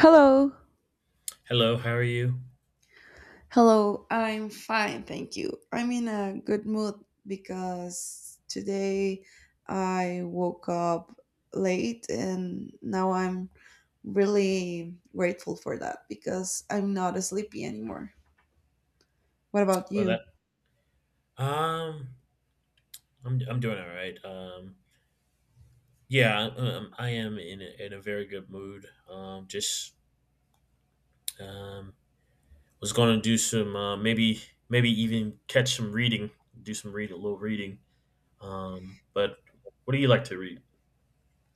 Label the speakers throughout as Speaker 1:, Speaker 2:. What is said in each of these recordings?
Speaker 1: Hello.
Speaker 2: Hello, how are you?
Speaker 1: Hello, I'm fine, thank you. I'm in a good mood because today I woke up late and now I'm really grateful for that because I'm not sleepy anymore. What about
Speaker 2: Well,
Speaker 1: you?
Speaker 2: that um, I'm doing all right. Yeah, I am in in a very good mood. Just um, was going to do some maybe even catch some reading, do some read a little reading. But what do you like to read?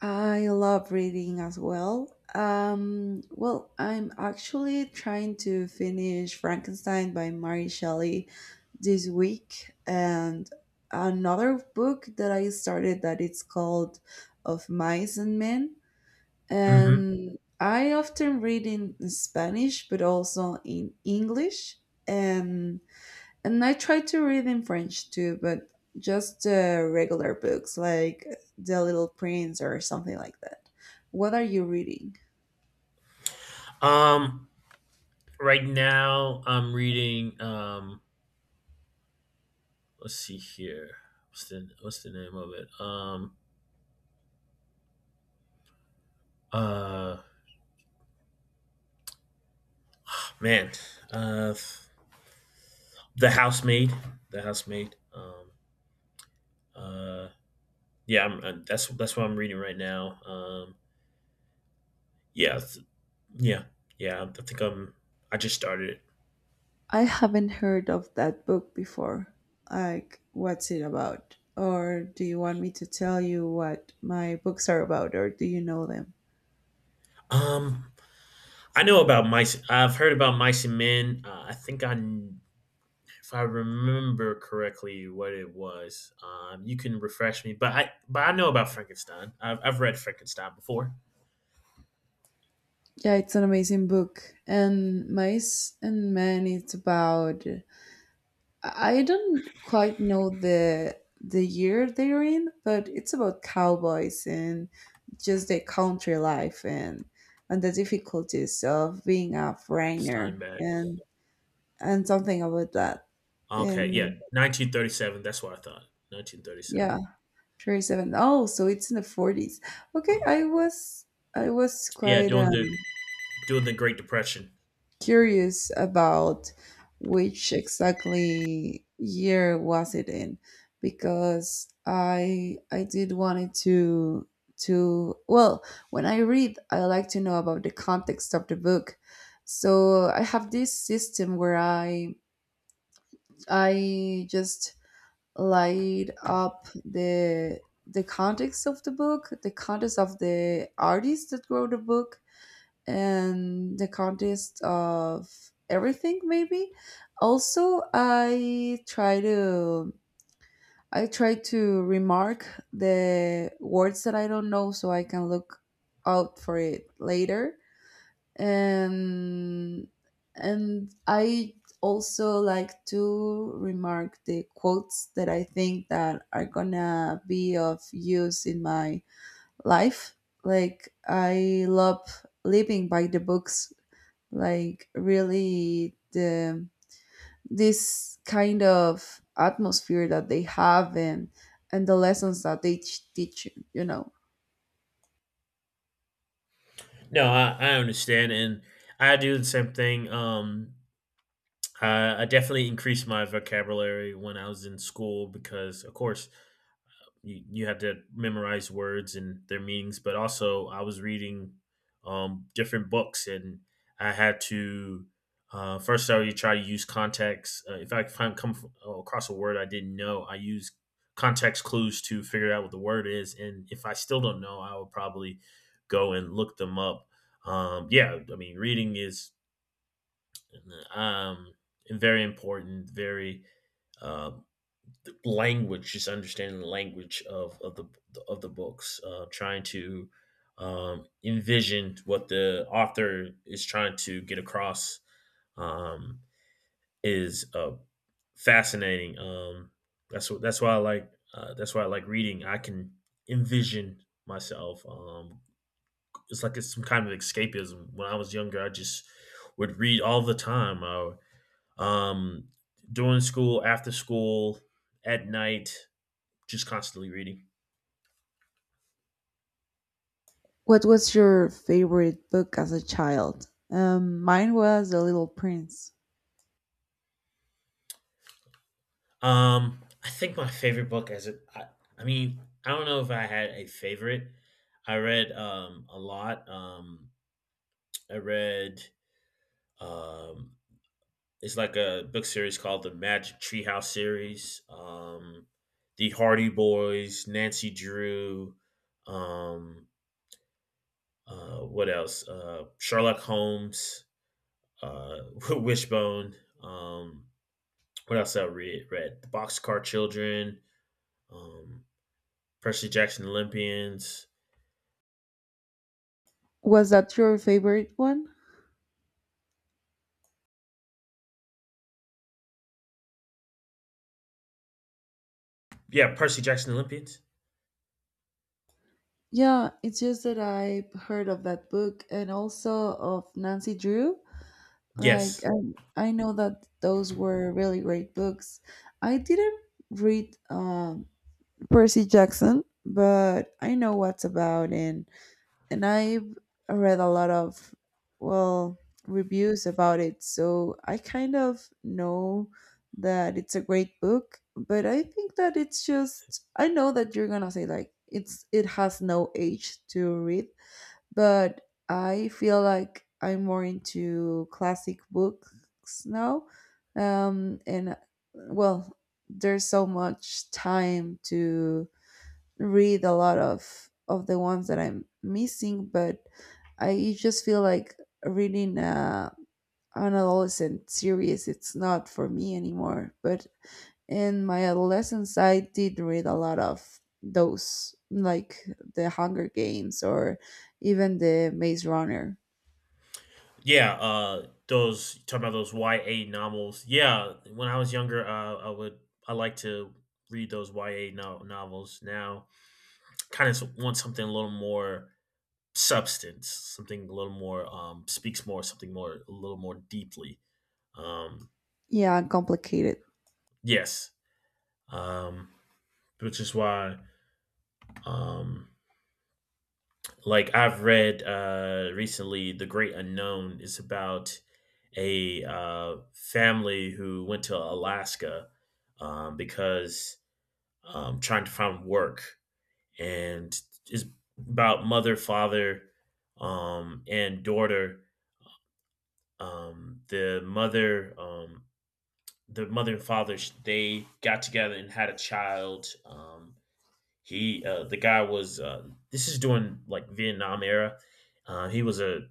Speaker 1: I love reading as well. Well, I'm actually trying to finish Frankenstein by Mary Shelley this week, and another book that I started that it's called Of Mice and Men.
Speaker 2: Hmm.
Speaker 1: And I often read in Spanish but also in English, and and I try to read in French too, but just regular books like The Little Prince or something like that. What are you reading?
Speaker 2: Um, right now I'm reading. Let's see here. What's the name of it? Uh, Man, uh. The Housemaid. The Housemaid. Uh, yeah, I'm, that's what I'm reading right now. Yeah, th- yeah, yeah. I think I'm. I just started it.
Speaker 1: I haven't heard of that book before. Like, what's it about? Or do you want me to tell you what my books are about, or do you know them?
Speaker 2: Um, I know about mice. I've heard about mice and men. I think if I remember correctly, what it was. You can refresh me, but I know about Frankenstein. I've read Frankenstein before.
Speaker 1: Yeah, it's an amazing book. And Mice and Men, it's about — I don't quite know the year they're in, but it's about cowboys and just the country life, and the difficulties of being a foreigner,
Speaker 2: Steinbeck.
Speaker 1: and something about that.
Speaker 2: Okay,
Speaker 1: And
Speaker 2: yeah, 1937. That's what I thought.
Speaker 1: yeah,
Speaker 2: 1937.
Speaker 1: 37. Oh, so it's in the 40s. Okay, I was, I was
Speaker 2: Yeah,
Speaker 1: quite
Speaker 2: doing the
Speaker 1: um
Speaker 2: during the Great Depression.
Speaker 1: curious about which exactly year was it in, because I did wanted to, well, when I read, I like to know about the context of the book. So I have this system where I just light up the context of the book, the context of the artist that wrote the book, and the context of everything maybe. Also, I try to remark the words that I don't know so I can look out for it later, and and I also like to remark the quotes that I think that are gonna be of use in my life. Like I love living by the books, like really, the this kind of atmosphere that they have, and the lessons that they teach you, you know.
Speaker 2: No, I understand, and I do the same thing. I definitely increased my vocabulary when I was in school because, of course, you had to memorize words and their meanings, but also I was reading different books, and I had to first I would try to use context. If I across a word I didn't know, I use context clues to figure out what the word is, and if I still don't know, I would probably go and look them up. Yeah, I mean, reading is um, very important, very uh, the language, just understanding the language of the books, trying to envision what the author is trying to get across, um, is fascinating. That's why I like that's why I like reading. I can envision myself. It's like it's some kind of escapism. When I was younger, I just would read all the time. Um, During school, after school, at night, just constantly reading.
Speaker 1: What was your favorite book as a child? Mine was The Little Prince.
Speaker 2: I think my favorite book I mean, I don't know if I had a favorite. I read a lot. I read um it's like a book series called the Magic Treehouse series. The Hardy Boys, Nancy Drew, um, what else? Sherlock Holmes, uh, Wishbone. Um, what else I read? Read the Boxcar Children. Um, Percy Jackson Olympians.
Speaker 1: Was that your favorite one?
Speaker 2: Yeah, Percy Jackson Olympians.
Speaker 1: Yeah, it's just that I've heard of that book and also of Nancy Drew. Like,
Speaker 2: Yes.
Speaker 1: I know that those were really great books. I didn't read Percy Jackson, but I know what's about, and I've read a lot of, well, reviews about it, so I kind of know that it's a great book. But I think that it's just, I know that you're gonna say like it's, it has no age to read, but I feel like I'm more into classic books now. Um, and well, there's so much time to read a lot of the ones that I'm missing, but I just feel like reading an adolescent series, it's not for me anymore. But in my adolescence, I did read a lot of those, like the Hunger Games or even the Maze Runner.
Speaker 2: Yeah, those talking about those YA novels. Yeah, when I was younger, I like to read those YA novels. Now, kind of want something a little more substance, something a little more speaks more, something more a little more deeply. Um
Speaker 1: Yeah, complicated.
Speaker 2: yes. Um which is why, um like I've read recently, The Great Unknown is about a family who went to Alaska, because trying to find work, and is about mother, father, and daughter. Um the mother um the mother and father, they got together and had a child. He the guy was This is during like Vietnam era. Uh, he was a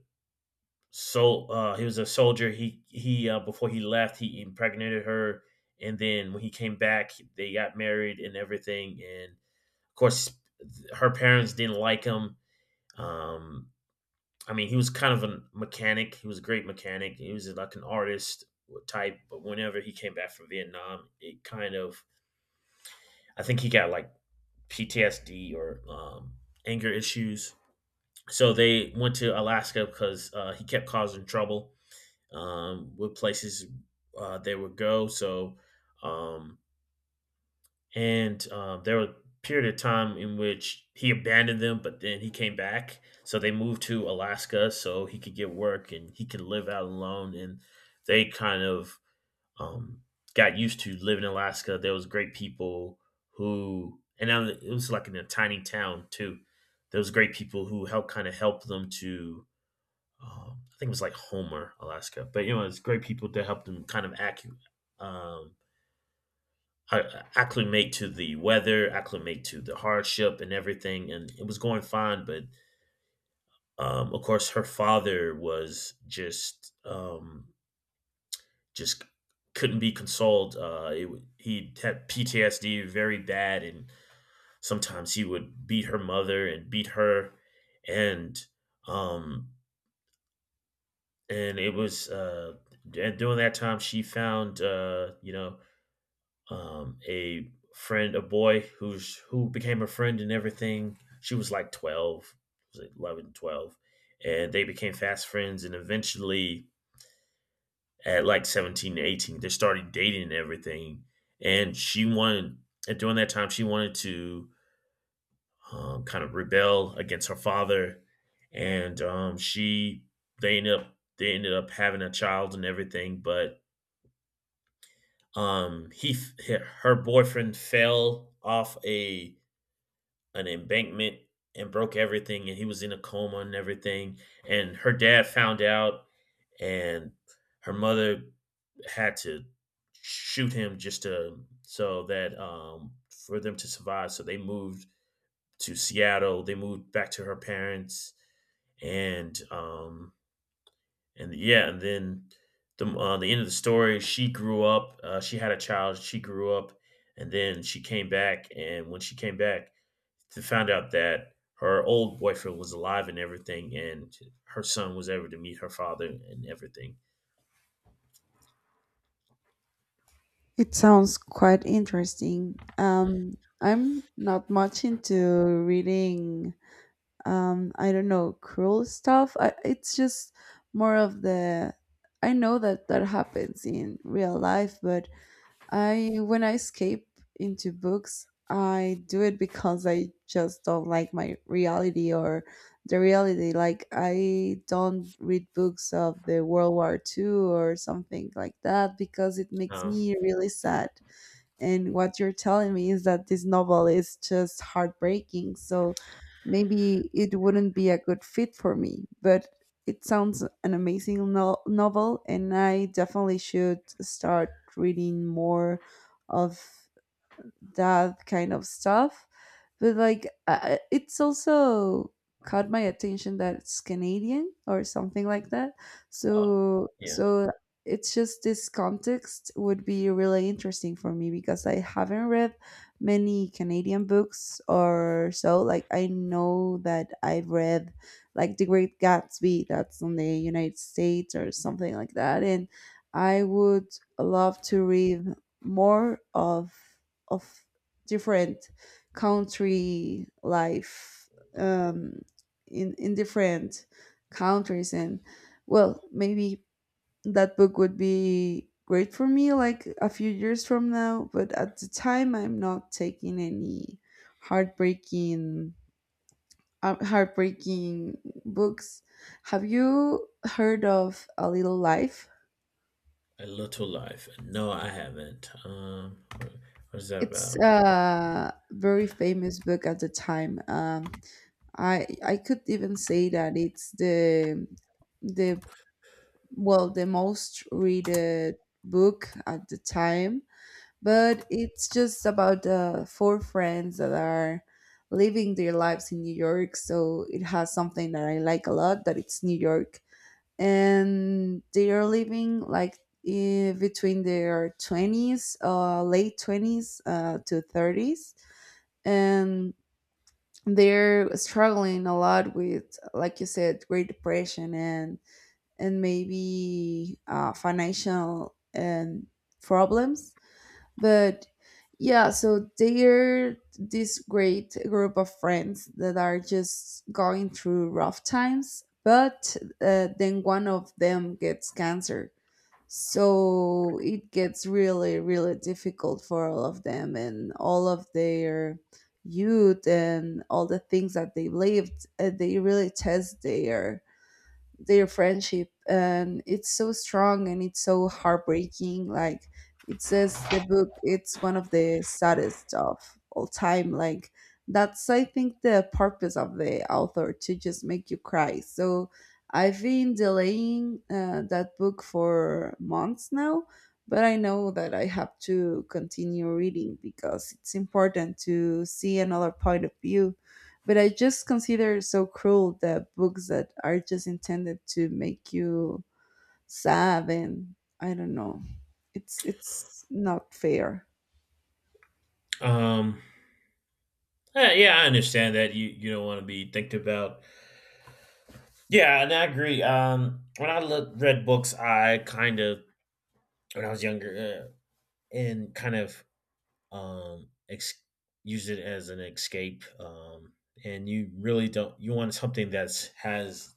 Speaker 2: he was a soldier. He Before he left, he impregnated her, and then when he came back, they got married and everything. And of course, her parents didn't like him. Um, I mean, he was kind of a mechanic. He was a great mechanic. He was like an artist type. But whenever he came back from Vietnam, it kind of I think he got like PTSD or, anger issues. So they went to Alaska because he kept causing trouble, what places they would go. Um, and there were a period of time in which he abandoned them, but then he came back. So they moved to Alaska so he could get work and he could live out alone. And they kind of um, got used to living in Alaska. There was great people and now it was like in a tiny town too. There was great people who helped kind of help them to, I think it was like Homer, Alaska. But you know, it's great people to help them kind of um, acclimate to the weather, acclimate to the hardship and everything. And it was going fine, but of course, her father was just, just couldn't be consoled. He had PTSD very bad, and sometimes he would beat her mother and beat her, and um, and it was during that time she found a friend, a boy who became a friend and everything. She was like 12, was it 11, 12, and they became fast friends, and eventually at like 17 to 18 they started dating and everything. and she wanted and during that time she wanted to, kind of rebel against her father, and she they ended up having a child and everything. But um he f- her boyfriend fell off a an embankment and broke everything, and he was in a coma and everything. And her dad found out, and her mother had to shoot him, just to, so that for them to survive. So they moved to Seattle, they moved back to her parents. and um and then the end of the story, she grew up. She had a child. She grew up, and then she came back. And when she came back, to found out that her old boyfriend was alive and everything, and her son was ever to meet her father and everything.
Speaker 1: It sounds quite interesting. I'm not much into reading, I don't know, cruel stuff. I, it's just more of the, I know that that happens in real life, but I, when I escape into books, I do it because I just don't like my reality, or the reality. Like, I don't read books of the world war Two or something like that because it makes
Speaker 2: Uh,
Speaker 1: me really sad. And what you're telling me is that this novel is just heartbreaking. So maybe it wouldn't be a good fit for me, but it sounds an amazing novel, and I definitely should start reading more of that kind of stuff. But like, it's also caught my attention that it's Canadian or something like that.
Speaker 2: uh,
Speaker 1: So,
Speaker 2: yeah,
Speaker 1: so it's just, this context would be really interesting for me because I haven't read many Canadian books or so. Like, I know that I've read like The Great Gatsby, that's on the United States or something like that. And I would love to read more of different country life, um, in different countries. And well, maybe that book would be great for me like a few years from now, but at the time I'm not taking any heartbreaking, heartbreaking books. Have you heard of A Little Life?
Speaker 2: a little life. No, I haven't. What is that
Speaker 1: It's
Speaker 2: about?
Speaker 1: a very famous book at the time. I could even say that it's the, well, the most read book at the time, but it's just about four friends that are living their lives in New York. So it has something that I like a lot, that it's New York, and they are living like, eh, between their 20s, late 20s, to 30s. And they're struggling a lot with, like you said, great depression, and maybe financial and problems. But yeah, so they're this great group of friends that are just going through rough times, but then one of them gets cancer. So it gets really really difficult for all of them, and all of their youth and all the things that they lived, they really test their friendship, and it's so strong and it's so heartbreaking. Like, it says the book, it's one of the saddest of all time. Like, that's I think the purpose of the author, to just make you cry. So I've been delaying that book for months now, but I know that I have to continue reading because it's important to see another point of view. But I just consider it so cruel, that books that are just intended to make you sad, and I don't know. It's not fair.
Speaker 2: Um, yeah, I understand that you don't want to be thinking about. Yeah, and I agree. When read books, I kind of when I was younger, and kind of, um, ex- used it as an escape. And you really don't you want something that's has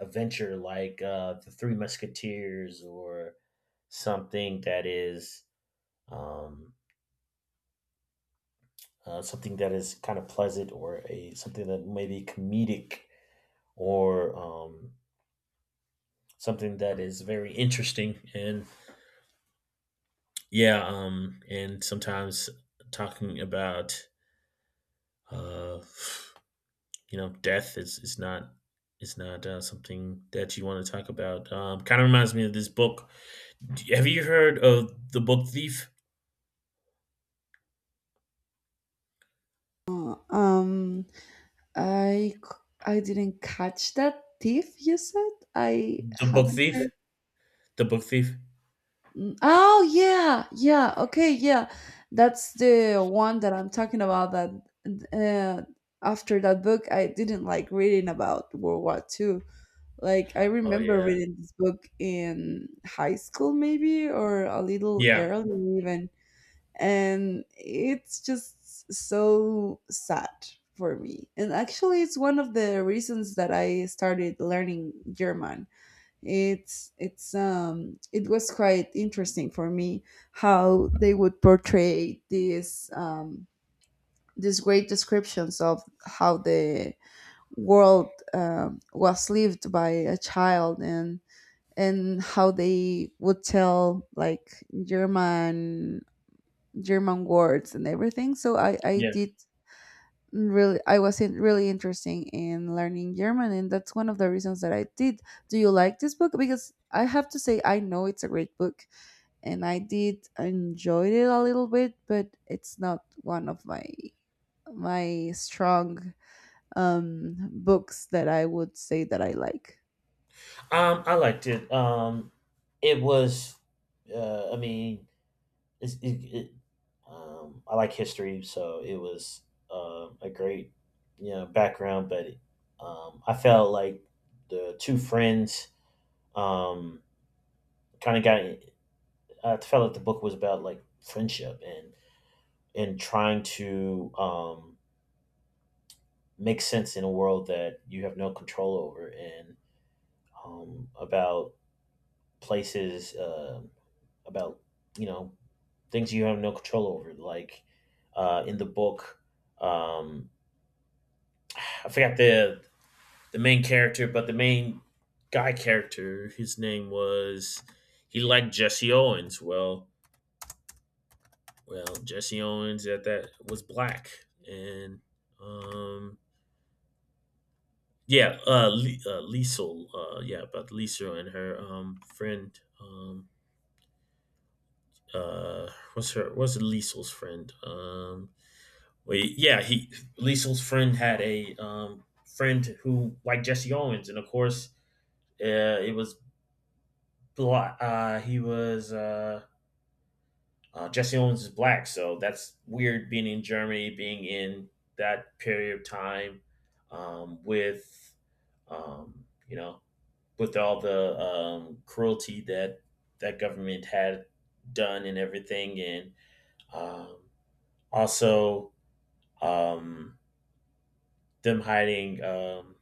Speaker 2: adventure like, the Three Musketeers, or something that is, um, something that is kind of pleasant, or a something that may be comedic, or something that is very interesting. And yeah, and sometimes talking about, uh, you know, death is not, is not, something that you want to talk about. Kind of reminds me of this book. Have you heard of the Book Thief?
Speaker 1: Uh, um, I I didn't catch that thief you said. I
Speaker 2: The Book
Speaker 1: haven't
Speaker 2: Thief.
Speaker 1: heard.
Speaker 2: The Book Thief.
Speaker 1: Mm. Oh yeah, yeah. Okay, yeah. That's the one that I'm talking about. That, uh, after that book, I didn't like reading about World War Two. Like, I
Speaker 2: Oh
Speaker 1: remember
Speaker 2: yeah,
Speaker 1: reading this book in high school maybe, or a little
Speaker 2: yeah,
Speaker 1: early even, and it's just so sad for me. And actually, it's one of the reasons that I started learning German. It's it was quite interesting for me how they would portray these great descriptions of how the world was lived by a child, and how they would tell like German German words and everything. So I
Speaker 2: yeah.
Speaker 1: did really, I was not really interesting in learning German, and that's one of the reasons that I did. Do you like this book? Because I have to say, I know it's a great book, and I did enjoy it a little bit, but it's not one of my my strong books that I would say that I like.
Speaker 2: I liked it. It was. I mean, it's, it I like history, so it was a great, you know, background. But I felt like the two friends, um, kind of got. I felt like the book was about like friendship, and trying to, make sense in a world that you have no control over, and about places, about, you know, things you have no control over, like, in the book. Um, I forgot the main character, but the main guy character, his name was, he liked Jesse Owens. Well, Jesse Owens at that was black, and um, yeah, Liesel, yeah, about Liesel and her friend, what's her, what's Liesel's friend? Wait, yeah, he Liesel's friend had a friend who liked Jesse Owens, and of course, uh, it was Bla- he was Jesse Owens is black, so that's weird. Being in Germany, being in that period of time, with, you know, with all the, cruelty that that government had done and everything, and, um, also, um, them hiding, um,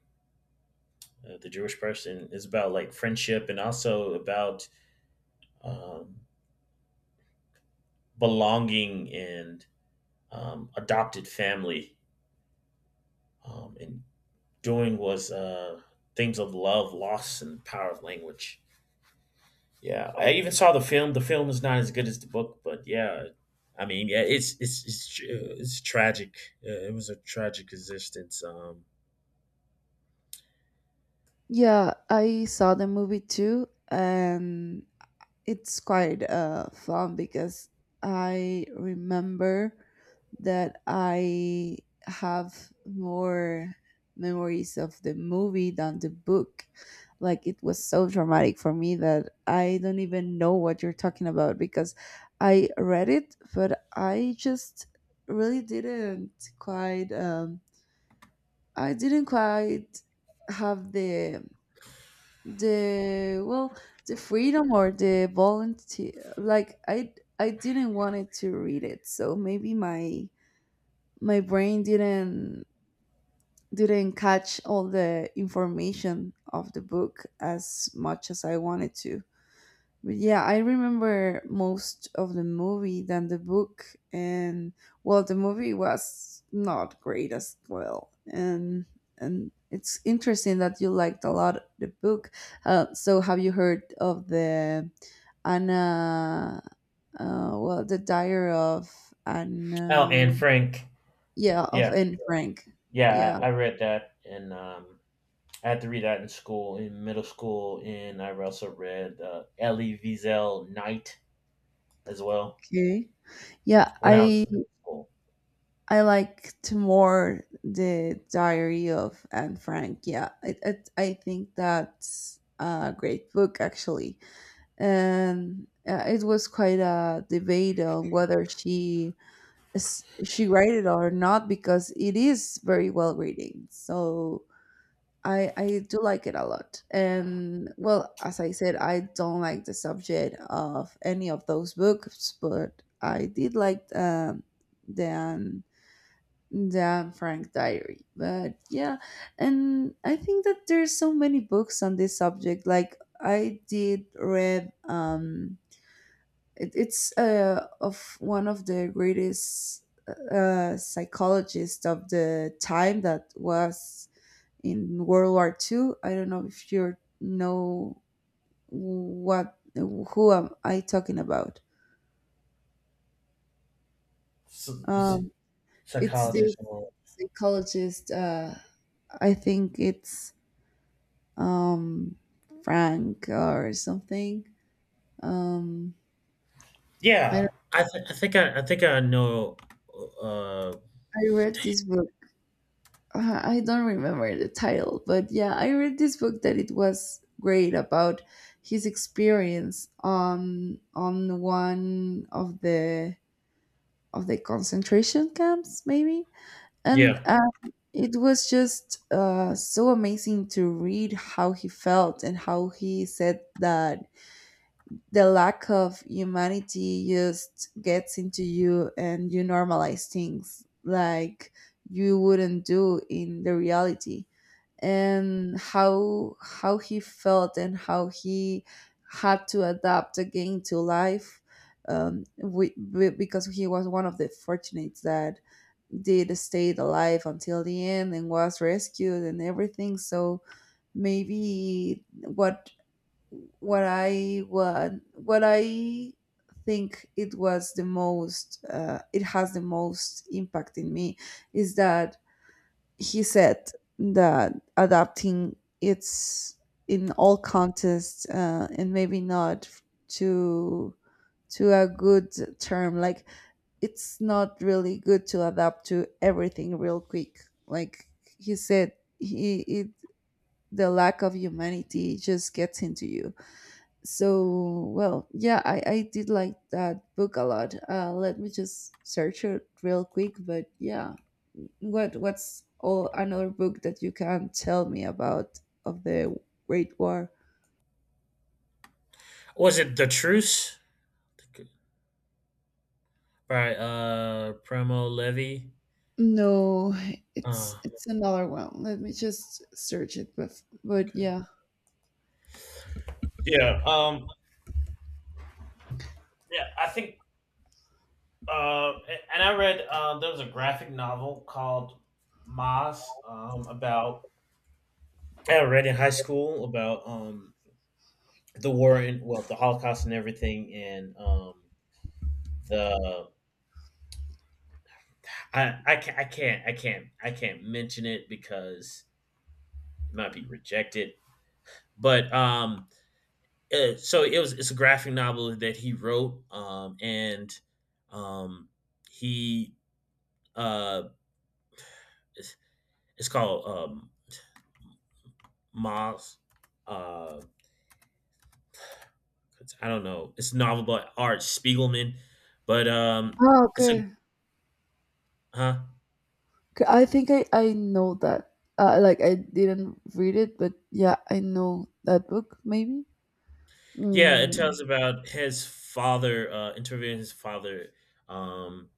Speaker 2: uh, the Jewish person, is about like friendship, and also about, um, belonging, and adopted family, and doing was, themes of love, loss, and power of language. Yeah, I even saw the film. The film is not as good as the book, but yeah, I mean, yeah, it's tragic. Yeah, it was a tragic existence.
Speaker 1: Yeah, I saw the movie too, and it's quite fun because I remember that I have more memories of the movie than the book. Like, it was so traumatic for me that I don't even know what you're talking about, because I read it, but I just really didn't quite. I didn't quite have the, well, the freedom or the volunteer. Like, I didn't want it to read it, so maybe my my brain didn't catch all the information of the book as much as I wanted to. But yeah, I remember most of the movie than the book, and well, the movie was not great as well, and it's interesting that you liked a lot the book. So, have you heard of the Anna? Well, the Diary of
Speaker 2: Oh,
Speaker 1: Anna,
Speaker 2: and Frank.
Speaker 1: yeah, of
Speaker 2: Yeah,
Speaker 1: Anne Frank.
Speaker 2: yeah,
Speaker 1: Yeah,
Speaker 2: I read that, and I had to read that in school, in middle school, and I've also read Elie Wiesel Knight as well
Speaker 1: okay, yeah,
Speaker 2: when I was in school.
Speaker 1: I liked more the Diary of Anne Frank. Yeah, it, I think that's a great book actually, and it was quite a debate on whether she read it or not, because it is very well reading. So I do like it a lot. And well, as I said, I don't like the subject of any of those books, but I did like the than Frank Diary. But yeah, and I think that there's so many books on this subject. Like, I did read it, it's of one of the greatest psychologists of the time that was in World War Two. I don't know if you know what, who am I talking about.
Speaker 2: So, he's
Speaker 1: Um
Speaker 2: a
Speaker 1: it's this
Speaker 2: psychologist, and all.
Speaker 1: psychologist, I think it's, um, Frank or something. Um, I don't-
Speaker 2: Yeah, I think I think I know. Uh,
Speaker 1: I read this book. I don't remember the title, but yeah, I read this book that it was great about his experience on one of the concentration camps, maybe, and
Speaker 2: yeah,
Speaker 1: it was just so amazing to read how he felt and how he said that the lack of humanity just gets into you and you normalize things like you wouldn't do in the reality, and how he felt and how he had to adapt again to life, we, because he was one of the fortunates that did stay alive until the end and was rescued and everything. So maybe what I think it was the most, it has the most impact in me, is that he said that adapting it's in all contests, and maybe not to to a good term, like it's not really good to adapt to everything real quick. Like, he said, he it, the lack of humanity just gets into you. So well yeah, I did like that book a lot. Let me just search it real quick. But yeah, what's all another book that you can tell me about of the great war?
Speaker 2: was it The Truce by, Primo Levi?
Speaker 1: No, it's
Speaker 2: Uh,
Speaker 1: it's another one, let me just search it, but
Speaker 2: okay.
Speaker 1: yeah.
Speaker 2: Yeah. Yeah, I think. Uh, and I read. There was a graphic novel called Moss. About I read in high school about, the war and, well, the Holocaust and everything, and the I can't mention it because it might be rejected. But so it was, it's a graphic novel that he wrote, and um, he uh, it's, it's called, Moss. Uh, I don't know. It's a novel by Art Spiegelman, but
Speaker 1: Oh,
Speaker 2: it's a
Speaker 1: okay.
Speaker 2: huh
Speaker 1: I think I know that, like, I didn't read it, but yeah, I know that book maybe.
Speaker 2: Yeah, it
Speaker 1: Mm.
Speaker 2: tells about his father, interviewing his father, um,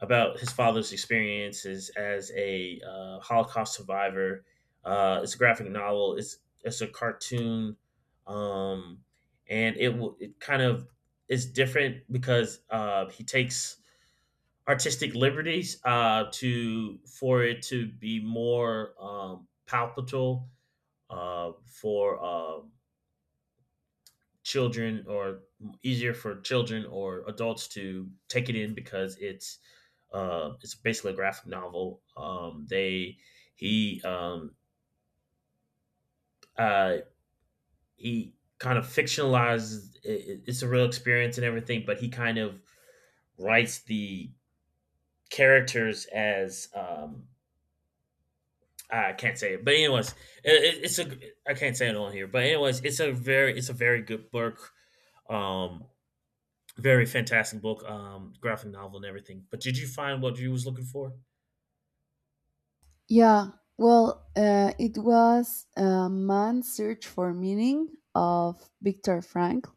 Speaker 2: about his father's experiences as a, Holocaust survivor. It's a graphic novel. It's a cartoon, um, and it kind of is different because, he takes artistic liberties, to for it to be more, palpable, for, children, or easier for children or adults to take it in because it's basically a graphic novel. They he uh, he kind of fictionalizes it, it's a real experience and everything, but he kind of writes the characters as, I can't say it, but anyways, it, it's a I can't say it on here, but anyways, it's a very, it's a very good book. Um, Very fantastic book, graphic novel and everything. But did you find what you was looking for?
Speaker 1: Yeah, well, it was a man's search for meaning of Viktor Frankl.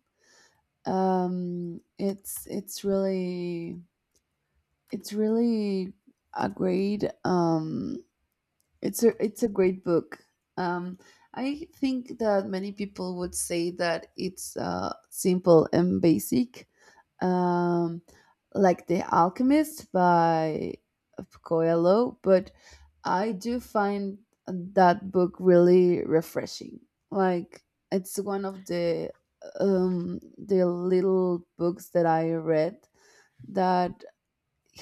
Speaker 1: It's really, it's really a great it's a great book. Um, I think that many people would say that it's simple and basic, um, like The Alchemist by of Coelho, but I do find that book really refreshing. Like, it's one of the little books that I read that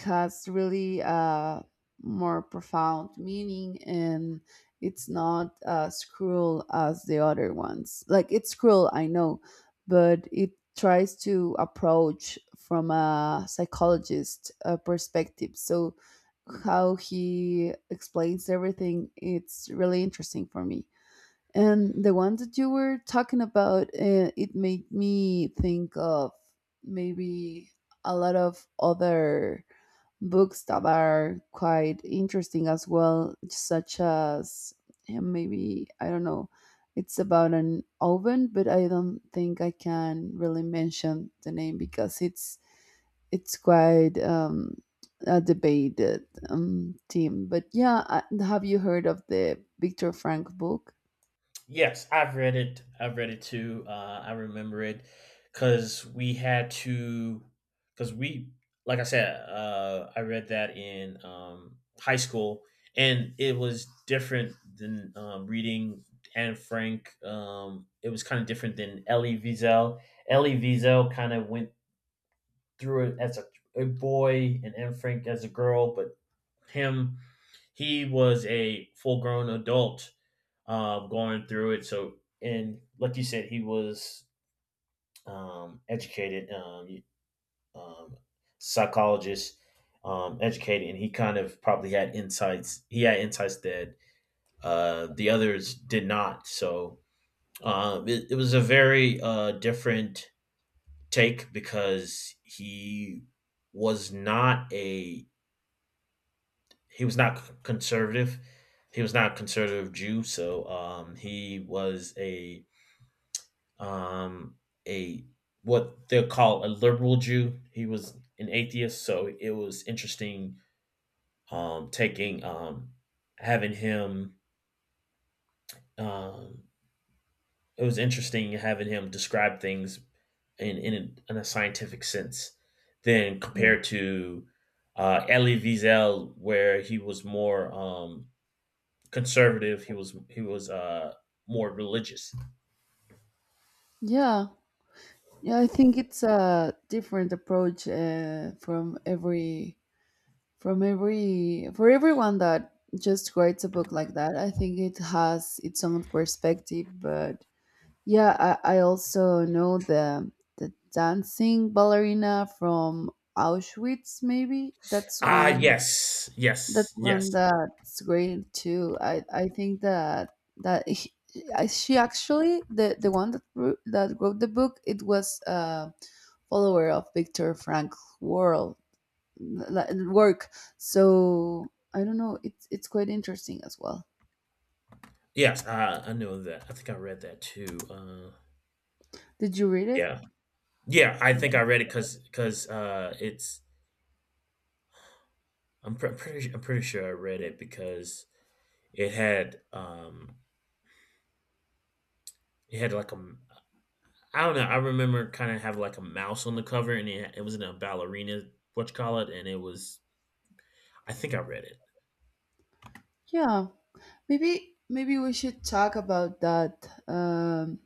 Speaker 1: has really a more profound meaning, and it's not as cruel as the other ones. Like, it's cruel, I know, but it tries to approach from a psychologist perspective. So how he explains everything, it's really interesting for me. And the one that you were talking about, it made me think of maybe a lot of other books that are quite interesting as well, such as, eh, maybe, I don't know, it's about an oven, but I don't think I can really mention the name because it's quite a debated theme. But yeah, I, have you heard of the Victor Frank book?
Speaker 2: Yes, I've read it. I've read it too. I remember it because we had to, because we, like I said, I read that in, high school, and it was different than, reading Anne Frank. It was kind of different than Elie Wiesel. Elie Wiesel kind of went through it as a boy, and Anne Frank as a girl, but him, he was a full grown adult, going through it. So, and like you said, he was, educated, um, psychologist, educated, and he kind of probably had insights. He had insights that, the others did not. So, it was a very, different take because was not a he was not conservative. He was not a conservative Jew, so, he was a, um, a what they call a liberal Jew. He was an atheist, so it was interesting, taking having him. Um, it was interesting having him describe things in in a scientific sense, than compared to, Elie Wiesel, where he was more, conservative. He was more religious.
Speaker 1: Yeah, yeah, I think it's a different approach from every for everyone that just writes a book like that. I think it has its own perspective, but yeah, I also know the dancing ballerina from Auschwitz. Maybe that's
Speaker 2: Ah,
Speaker 1: one,
Speaker 2: yes,
Speaker 1: that
Speaker 2: yes,
Speaker 1: one
Speaker 2: yes,
Speaker 1: that's great too. I think that that he, I, she actually the one that wrote the book, it was a follower of Viktor Frankl world work. So I don't know. It's quite interesting as well.
Speaker 2: yes. I knew that. I think I read that too.
Speaker 1: Did you read it?
Speaker 2: Yeah, yeah. I think I read it because, it's pretty I'm pretty sure I read it because it had, it had like a, I don't know. I remember kind of have like a mouse on the cover, and it was in a ballerina, what you call it, and it was, I think I read it.
Speaker 1: Yeah. Maybe maybe we should talk about that.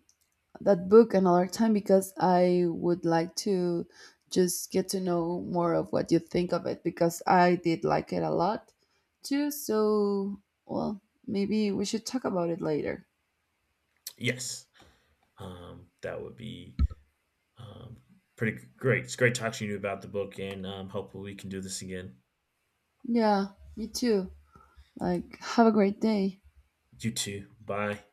Speaker 1: That book another time, because I would like to just get to know more of what you think of it, because I did like it a lot too. So, well, maybe we should talk about it later.
Speaker 2: Yes, that would be, um, pretty great. It's great talking to you about the book, and, hopefully we can do this again.
Speaker 1: Yeah, me too. Like, have a great day.
Speaker 2: You too. Bye.